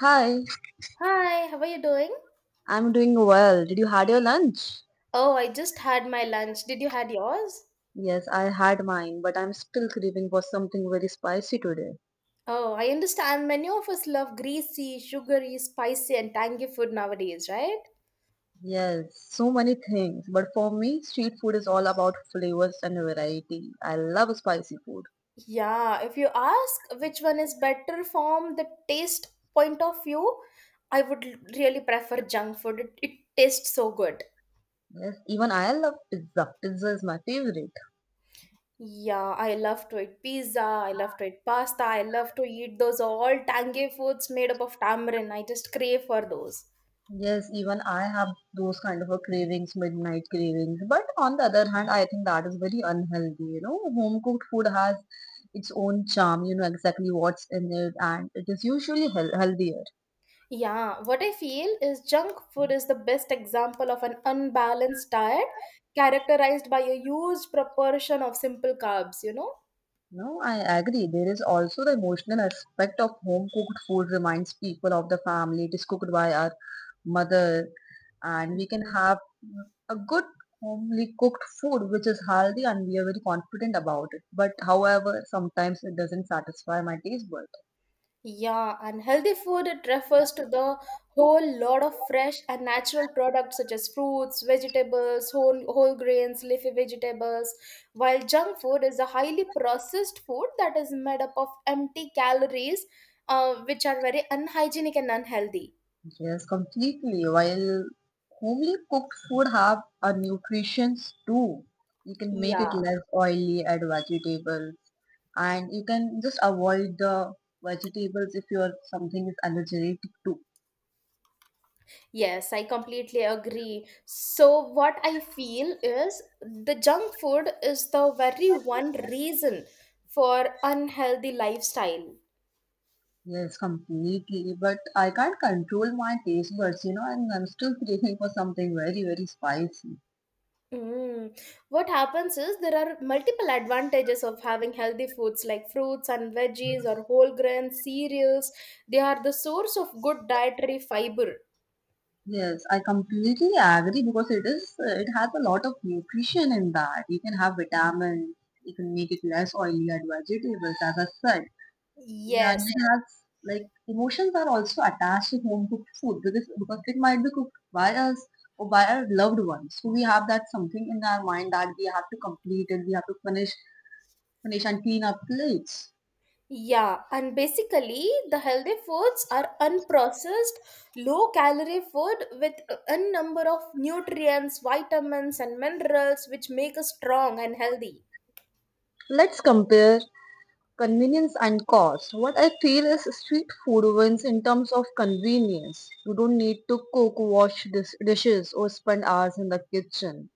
Hi, Hi, how are you doing? I'm doing well. Did you had your lunch? Oh, I just had my lunch. Did you had yours? Yes, I had mine, but I'm still craving for something very spicy today. Oh, I understand many of us love greasy, sugary, spicy, and tangy food nowadays, right? Yes, so many things, but for me, street food is all about flavors and variety. I love spicy food. Yeah, if you ask which one is better from the taste point of view, I would really prefer junk food. It tastes so good. Yes, even I love pizza. Pizza is my favorite. Yeah, I love to eat pizza, I love to eat pasta, I love to eat those all tangy foods made up of tamarind. I just crave for those. Yes, even I have those kind of a cravings, midnight cravings. But on the other hand, I think that is very unhealthy. You know, home cooked food has its own charm. You know exactly what's in it, and it is usually healthier. Yeah, what I feel is junk food is the best example of an unbalanced diet characterized by a huge proportion of simple carbs, you know? No, I agree. There is also the emotional aspect of home cooked food reminds people of the family. It is cooked by our mother and we can Mm. have mm, a good homely cooked food which is healthy and we are very confident about it. But however, sometimes it doesn't satisfy my taste bud. Yeah, and healthy food it refers to the whole lot of fresh and natural products such as fruits, vegetables, whole grains, leafy vegetables, while junk food is a highly processed food that is made up of empty calories, which are very unhygienic and unhealthy. Yes, completely. While homely cooked food have a nutritions too. You can make it Yeah. less oily, add vegetables, and you can just avoid the vegetables if your something is allergic to. Yes, I completely agree. So, what I feel is the junk food is the very one reason for unhealthy lifestyle. Yes, completely. But I can't control my taste buds, and I'm still craving for something very, very spicy. Mm. What happens is there are multiple advantages of having healthy foods like fruits and veggies or whole grain cereals. They are the source of good dietary fiber. Yes, I completely agree because it has a lot of nutrition in that. You can have vitamins, you can make it less oily, add vegetables, as I said. And Yes. it has, like, emotions are also attached to home cooked food because it might be cooked by us or by our loved ones. So we have that something in our mind that we have to complete it, we have to finish and clean our plates. Yeah, and basically, the healthy foods are unprocessed, low calorie food with a number of nutrients, vitamins, and minerals which make us strong and healthy. Let's compare convenience and cost. What I feel is street food wins in terms of convenience. You don't need to cook, wash dishes, or spend hours in the kitchen.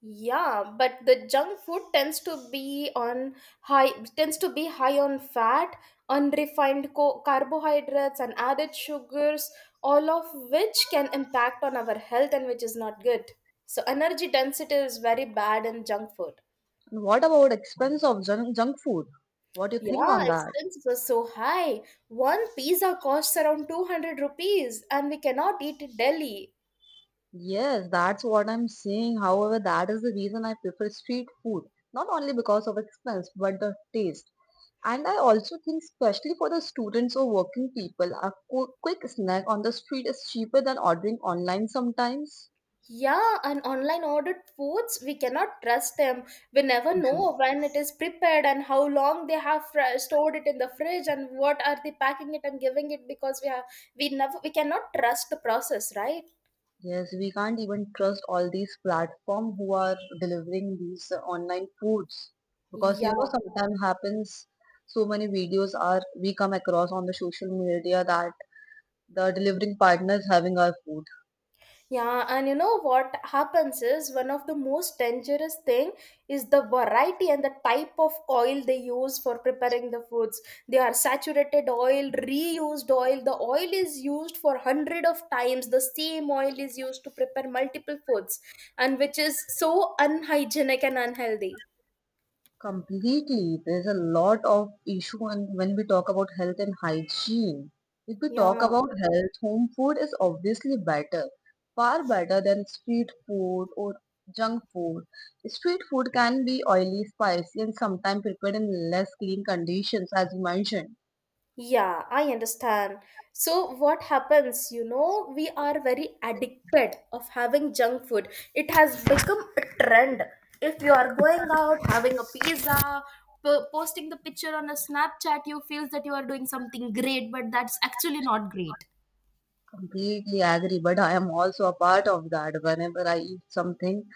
Yeah, but the junk food high tends to be high on fat, unrefined carbohydrates and added sugars, all of which can impact on our health and which is not good. So energy density is very bad in junk food. And what about expense of junk food? What do you think Yeah, on that? expenses were so high. One pizza costs around 200 rupees and we cannot eat in Delhi. Yes, that's what I'm saying. However, that is the reason I prefer street food, not only because of expense, but the taste. And I also think, especially for the students or working people, a quick snack on the street is cheaper than ordering online sometimes. Yeah, and online ordered foods, we cannot trust them. We never Mhm. know when it is prepared and how long they have stored it in the fridge and what are they packing it and giving it, because we have we never we cannot trust the process, right? Yes, we can't even trust all these platforms who are delivering these online foods because Yeah. sometimes happens so many videos are we come across on the social media that the delivering partner is having our food. Yeah, and you know what happens is one of the most dangerous thing is the variety and the type of oil they use for preparing the foods. They are saturated oil, reused oil. The oil is used for hundred of times. The same oil is used to prepare multiple foods, and which is so unhygienic and unhealthy. Completely. There's a lot of issue and when we talk about health and hygiene. If we talk Yeah. about health, home food is obviously better, far better than street food or junk food. Street food can be oily, spicy, and sometimes prepared in less clean conditions, as you mentioned. Yeah, I understand. So what happens, we are very addicted of having junk food. It has become a trend. If you are going out having a pizza, posting the picture on a Snapchat, you feel that you are doing something great, but that's actually not great. Completely agree, but I am also a part of that. Whenever I eat something,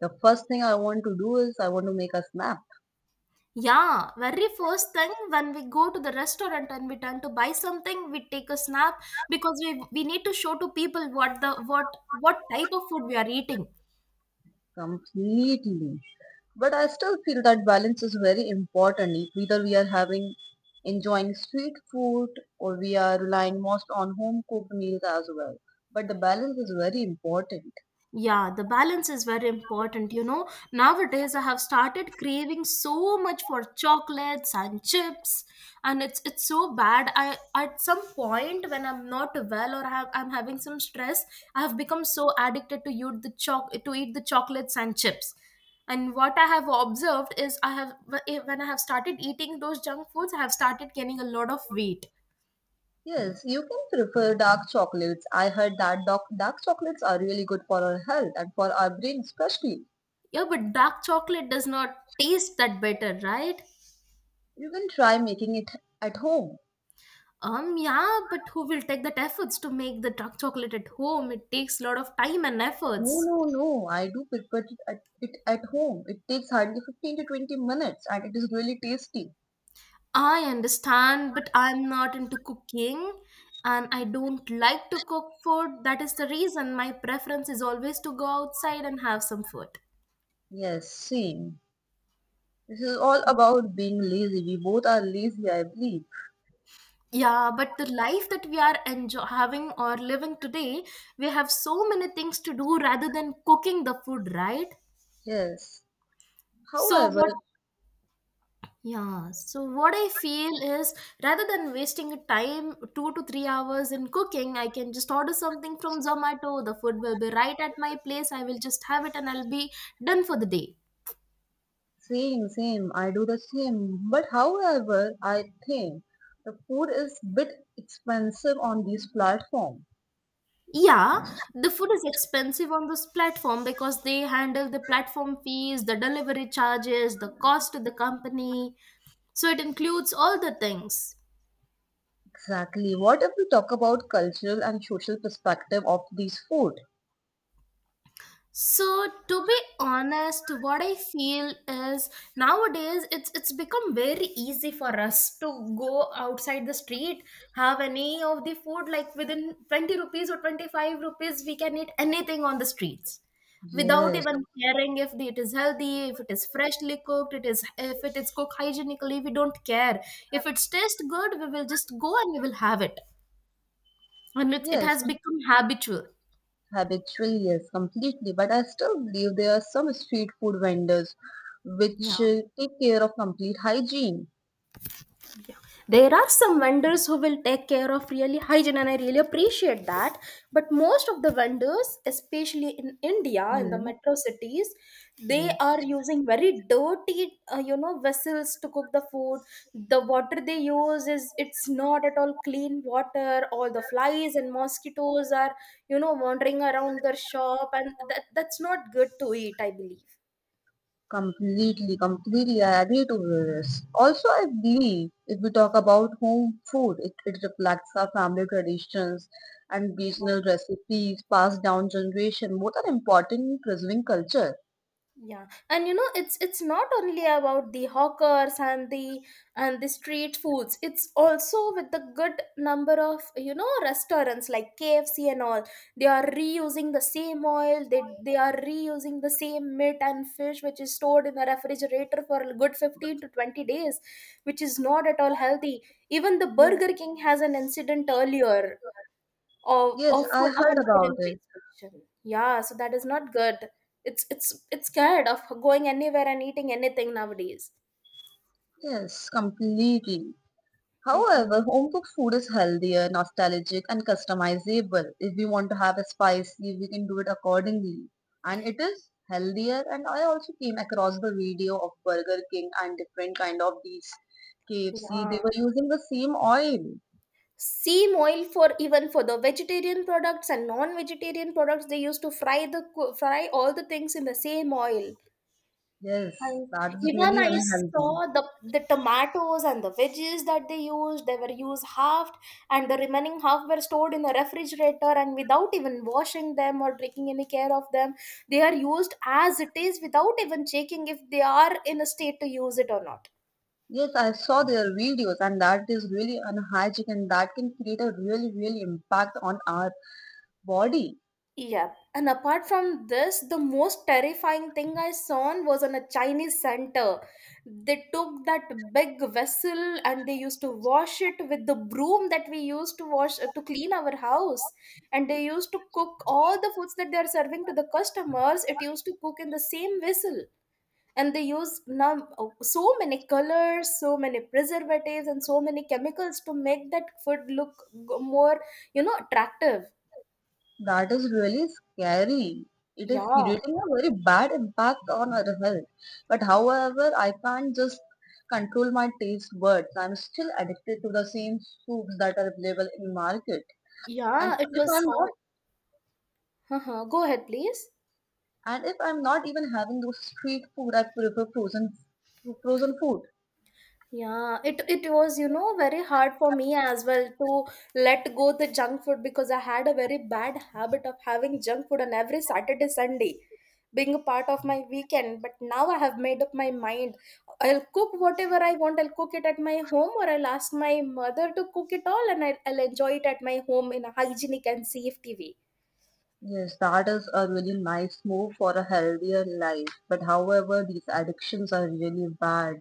the first thing I want to do is I want to make a snap. Yeah, very first thing when we go to the restaurant and we turn to buy something, we take a snap because we need to show to people what the what type of food we are eating. Completely. But I still feel that balance is very important. Whether we are having enjoying street food or we are relying most on home cooked meals as well. But the balance is very important. Yeah, the balance is very important. Nowadays, I have started craving so much for chocolates and chips, and it's so bad. I at some point when I'm not well or I'm having some stress, I have become so addicted to eat the choc to eat the chocolates and chips. And what I have observed is when I have started eating those junk foods, I have started gaining a lot of weight. Yes, you can prefer dark chocolates. I heard that dark chocolates are really good for our health and for our brain especially. Yeah, but dark chocolate does not taste that better, right? You can try making it at home. Yeah, but who will take that efforts to make the dark chocolate at home? It takes a lot of time and No, efforts. no, no. I do prepare it at home. It takes hardly 15 to 20 minutes and it is really tasty. I understand, but I'm not into cooking and I don't like to cook food. That is the reason my preference is always to go outside and have some food. Yes, same. This is all about being lazy. We both are lazy, I believe. Yeah, but the life that we are enjoy having or living today, we have so many things to do rather than cooking the food, right? Yes. So, However, what Yeah, so what I feel is rather than wasting time, 2 to 3 hours in cooking, I can just order something from Zomato. The food will be right at my place. I will just have it and I'll be done for the day. same, same. I do the same. But however, I think the food is bit expensive on these platforms. Yeah, the food is expensive on this platform because they handle the platform fees, the delivery charges, the cost to the company. So it includes all the things. Exactly. What if we talk about cultural and social perspective of these food? So to be honest, what I feel is nowadays it's become very easy for us to go outside the street, have any of the food like within 20 rupees or 25 rupees, we can eat anything on the streets without Yes, even caring if it is healthy, if it is freshly cooked, it is if it is cooked hygienically. We don't care. If it's taste good, we will just go and we will have it. And it yes, has become habitual. habitually, yes, completely. But I still believe there are some street food vendors Yeah. which take care of complete hygiene. There are some vendors who will take care of really hygiene and I really appreciate that, but most of the vendors, especially in India, in the Hmm. metro cities, they Yes, are using very dirty vessels to cook the food. The water they use is it's not at all clean water. All the flies and mosquitoes are wandering around their shop, and that's not good to eat, I believe. completely. I agree to this. Also, I believe if we talk about home food, it reflects our family traditions and Yeah, regional recipes passed down generation. Both are important in preserving culture. yeah. And it's not only about the hawkers and the street foods. It's also with the good number of restaurants like KFC and all. They are reusing the same oil. They are reusing the same meat and fish which is stored in the refrigerator for a good 15 to 20 days, which is not at all healthy. Even the Yes, Burger King has an incident earlier yes, I of heard an food about it. inspection. Yeah, so that is not good. It's scared of going anywhere and eating anything nowadays. Yes, completely. Mm-hmm. However, home cooked food is healthier, nostalgic, and customizable. If we want to have a spicy, we can do it accordingly. And it is healthier. And I also came across the video of Burger King and different kind of these KFC. They Yeah. were using the same oil. Same oil for even for the vegetarian products and non-vegetarian products, they used to fry fry all the things in the same oil. Yes, And that is even really I unhealthy. saw the tomatoes and the veggies that they used, they were used halved, and the remaining half were stored in the refrigerator and without even washing them or taking any care of them, they are used as it is without even checking if they are in a state to use it or not. Yes, I saw their videos and that is really unhygienic and that can create a really, really impact on our body. Yep. And apart from this, the most terrifying thing I saw on was on a Chinese center. They took that big vessel and they used to wash it with the broom that we used to wash to clean our house. And they used to cook all the foods that they are serving to the customers. It used to cook in the same vessel. And they use now so many colors, so many preservatives, and so many chemicals to make that food look more, attractive. That is really scary. It is Yeah. creating a very bad impact on our health. But however, I can't just control my taste buds. I'm still addicted to the same soups that are available in market. And Yeah, it if was I'm not, hard. Uh-huh. Go ahead, please. and if I'm not even having those street food, I prefer frozen food. Yeah, it was, very hard for me as well to let go the junk food because I had a very bad habit of having junk food on every Saturday, Sunday, being a part of my weekend. But now I have made up my mind. I'll cook whatever I want. I'll cook it at my home, or I'll ask my mother to cook it all, and I'll enjoy it at my home in a hygienic and safe way. Yes, that is a really nice move for a healthier life. But however, these addictions are really bad.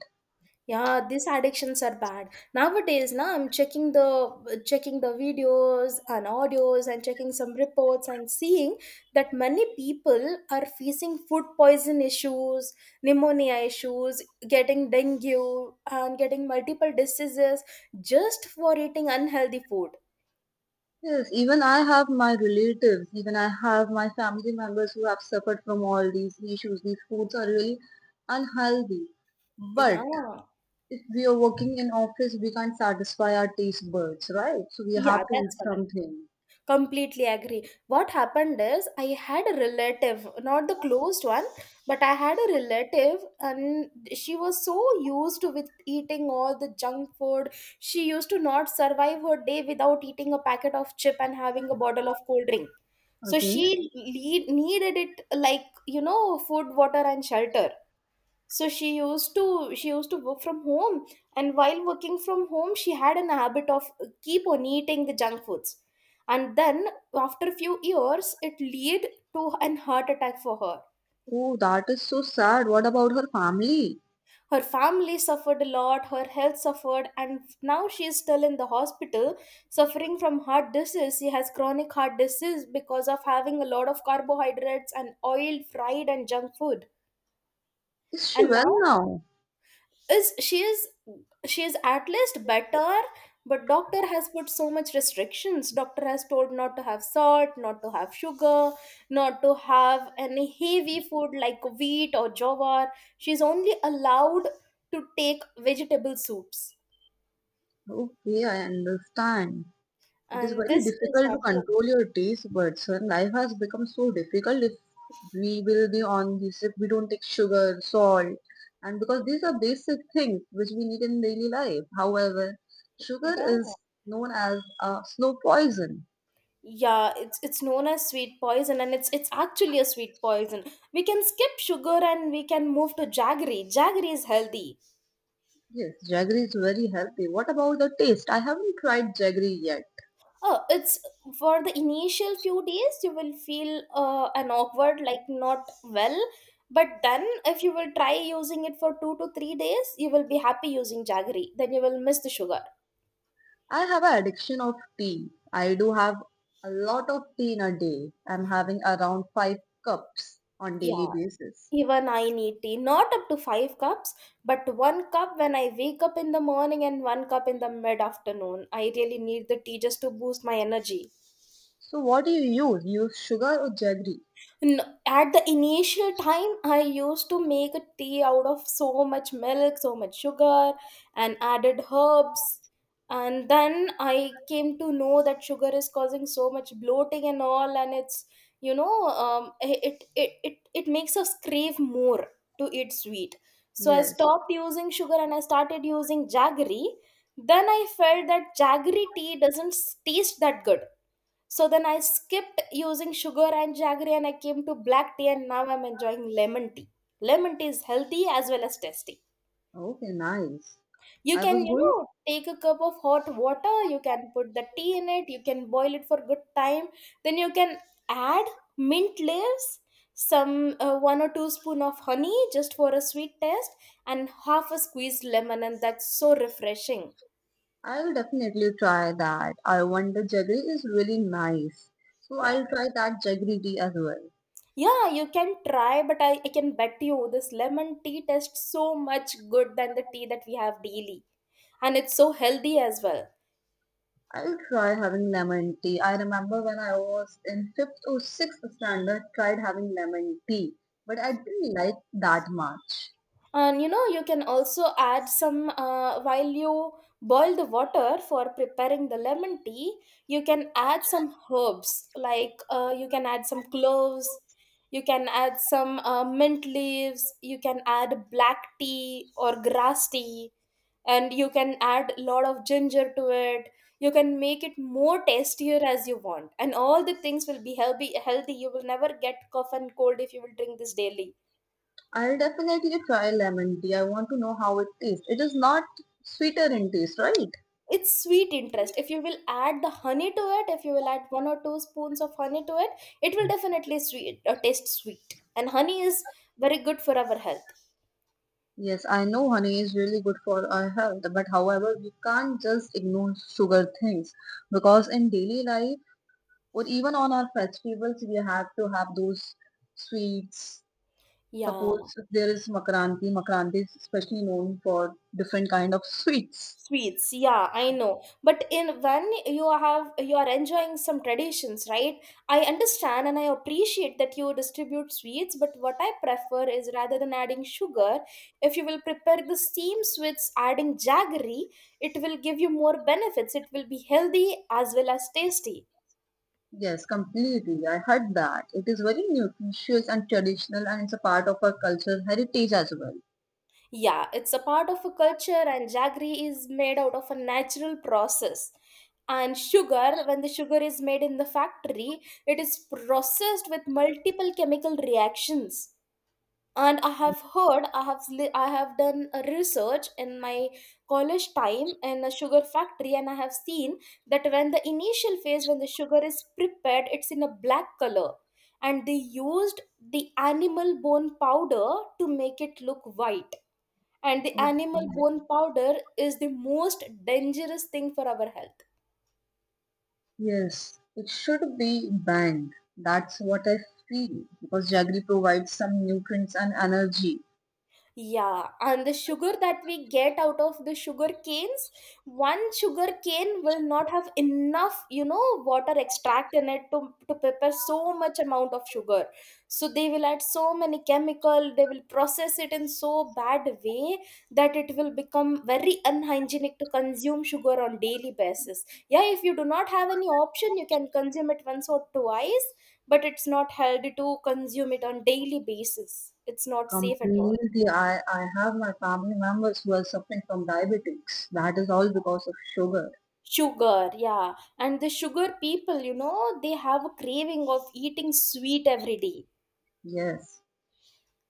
Yeah, these addictions are bad. Nowadays, now I'm checking the videos and audios and checking some reports and seeing that many people are facing food poison issues, pneumonia issues, getting dengue and getting multiple diseases just for eating unhealthy food. Yes, even I have my relatives, even I have my family members who have suffered from all these issues. These foods are really unhealthy. Yeah. But if we are working in office, we can't satisfy our taste buds, right? So we Yeah, have to that's eat correct. something. Completely agree. What happened is I had a relative, not the closed one, but I had a relative, and she was so used to with eating all the junk food. She used to not survive her day without eating a packet of chip and having a bottle of cold drink. So Okay. she needed it like food, water, and shelter. So she used to work from home. And while working from home, she had an habit of keep on eating the junk foods. And then after a few years it led to an heart attack for her. Oh, that is so sad. What about her family? Her family suffered a lot. Her health suffered, and now she is still in the hospital suffering from heart disease. She has chronic heart disease because of having a lot of carbohydrates and oil fried and junk food. Is she And well now, now? is she is she is at least better. But doctor has put so much restrictions. Doctor has told not to have salt, not to have sugar, not to have any heavy food like wheat or jowar. She's only allowed to take vegetable soups. Okay, I understand. It is And very this is difficult not to good. control your taste buds, and life has become so difficult if we will be on this, if we don't take sugar, salt, and because these are basic things which we need in daily life. However, sugar yeah is known as a slow poison. yeah it's known as sweet poison, and it's actually a sweet poison. We can skip sugar and we can move to jaggery. Jaggery is healthy. Yes, jaggery is very healthy. What about the taste? I haven't tried jaggery yet. Oh, it's for the initial few days, you will feel an awkward, like not well. But then, if you will try using it for 2 to 3 days, you will be happy using jaggery. Then you will miss the sugar. I have an addiction of tea. I do have a lot of tea in a day. I'm having around five cups on daily Yeah, basis. even I need tea. Not up to 5 cups, but one cup when I wake up in the morning and one cup in the mid afternoon. I really need the tea just to boost my energy. So what do you use? Use sugar or jaggery? At the initial time, I used to make a tea out of so much milk, so much sugar, and added herbs. And then I came to know that sugar is causing so much bloating and all, and it's it makes us crave more to eat sweet. So I Yes. stopped using sugar and I started using jaggery. Then I felt that jaggery tea doesn't taste that good, so then I skipped using sugar and jaggery and I came to black tea and now I'm enjoying lemon tea. Lemon tea is healthy as well as tasty. Okay, nice. You I canwas going, take a cup of hot water, you can put the tea in it, you can boil it for good time. Then you can add mint leaves, some 1 or 2 spoon of honey just for a sweet taste and half a squeezed lemon, and that's so refreshing. I'll definitely try that. I wonder jaggery is really nice. So Yeah. I'll try that jaggery tea as well. Yeah, you can try, but I can bet you this lemon tea tastes so much good than the tea that we have daily. And it's so healthy as well. I'll try having lemon tea. I remember when I was in fifth or sixth standard, tried having lemon tea, but I didn't like that much. And you can also add some while you boil the water for preparing the lemon tea, you can add some herbs like you can add some cloves, you can add some mint leaves, you can add black tea or grass tea, and you can add a lot of ginger to it. You can make it more tastier as you want, and all the things will be healthy. You will never get cough and cold if you will drink this daily. I'll definitely try lemon tea. I want to know how it tastes. It is not sweeter in taste, right? It's sweet interest if you will add the honey to it. If you will add 1 or 2 spoons of honey to it, it will definitely sweet taste sweet, and honey is very good for our health. Yes, I know honey is really good for our health, but however, we can't just ignore sugar things because in daily life or even on our festivals, we have to have those sweets. Yeah. Suppose there is makranti. Makranti is especially known for different kind of sweets. Sweets, yeah, I know, but in when you have you are enjoying some traditions, right? I understand and I appreciate that you distribute sweets, but what I prefer is rather than adding sugar, if you will prepare the same sweets adding jaggery, it will give you more benefits. It will be healthy as well as tasty. Yes, completely. I heard that. It is very nutritious and traditional and it's a part of our cultural heritage as well. Yeah, it's a part of a culture, and jaggery is made out of a natural process. And sugar, when the sugar is made in the factory, it is processed with multiple chemical reactions. And I have heard, I have done a research in my college time in a sugar factory, and I have seen that when the initial phase, when the sugar is prepared, it's in a black color, and they used the animal bone powder to make it look white. And the animal bone powder is the most dangerous thing for our health. Yes, it should be banned. That's what I feel because jaggery provides some nutrients and energy. Yeah, and the sugar that we get out of the sugar canes, one sugar cane will not have enough water extract in it to prepare so much amount of sugar. So they will add so many chemical, they will process it in so bad way that it will become very unhygienic to consume sugar on daily basis. Yeah, if you do not have any option, you can consume it once or twice, but it's not healthy to consume it on daily basis. It's not safe at all. Completely, I have my family members who are suffering from diabetics. That is all because of sugar. Sugar, yeah. And the sugar people they have a craving of eating sweet every day. Yes.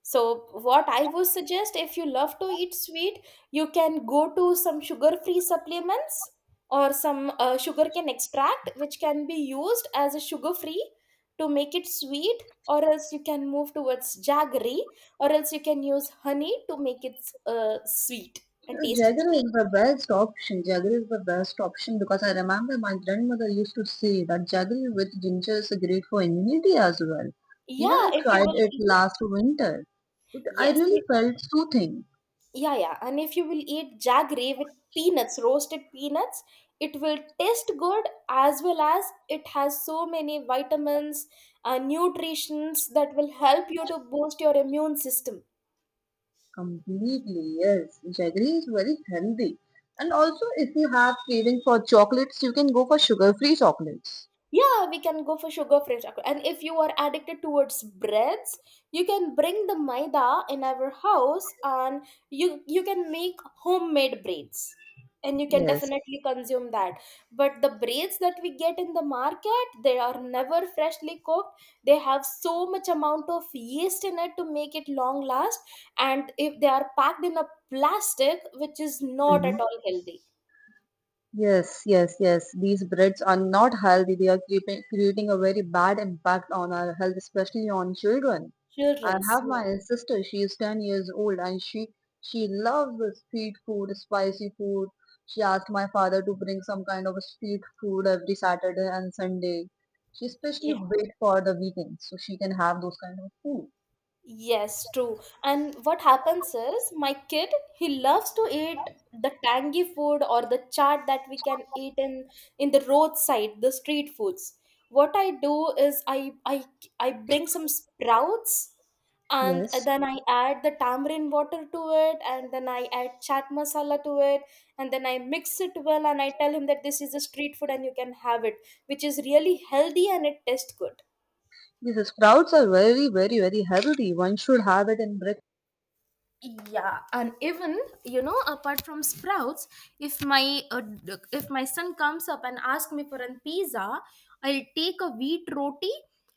So, what I would suggest if you love to eat sweet, you can go to some sugar free supplements or some sugarcane extract, which can be used as a sugar free to make it sweet, or else you can move towards jaggery, or else you can use honey to make it sweet and taste it sweet. Jaggery is the best option. Jaggery is the best option because I remember my grandmother used to say that jaggery with ginger is great for immunity as well. Even Yeah, I if you tried will it eat. last winter. I Yes. really felt soothing. Yeah, yeah. And if you will eat jaggery with peanuts, roasted peanuts, it will taste good as well as it has so many vitamins, nutritions that will help you to boost your immune system. Completely, yes. Jaggery is very healthy. And also, if you have craving for chocolates, you can go for sugar-free chocolates. Yeah, we can go for sugar free chocolate. And if you are addicted towards breads, you can bring the maida in our house, and you can make homemade breads. And you can Yes. definitely consume that. But the breads that we get in the market, they are never freshly cooked. They have so much amount of yeast in it to make it long last. And if they are packed in a plastic, which is not at all healthy. Yes, yes, yes. These breads are not healthy. They are creating a very bad impact on our health, especially on children. I Children's, have my sister, she is 10 years old and she loves the street food, spicy food. She asked my father to bring some kind of street food every Saturday and Sunday. She especially yeah. wait for the weekend so she can have those kind of food. Yes, true. And what happens is my kid, he loves to eat the tangy food or the chaat that we can eat in the roadside, the street foods. What I do is I bring some sprouts, and Yes. then I add the tamarind water to it, and then I add chaat masala to it, and then I mix it well and I tell him that this is a street food and you can have it, which is really healthy and it tastes good. These sprouts are very, very, very healthy. One should have it in breakfast. Yeah. And even apart from sprouts, if my son comes up and asks me for a pizza, I'll take a wheat roti,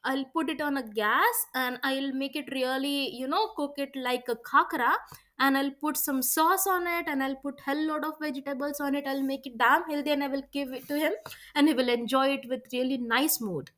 I'll put it on a gas, and I'll make it really cook it like a khakra. And I'll put some sauce on it, and I'll put hell lot of vegetables on it. I'll make it damn healthy and I will give it to him. And he will enjoy it with really nice mood.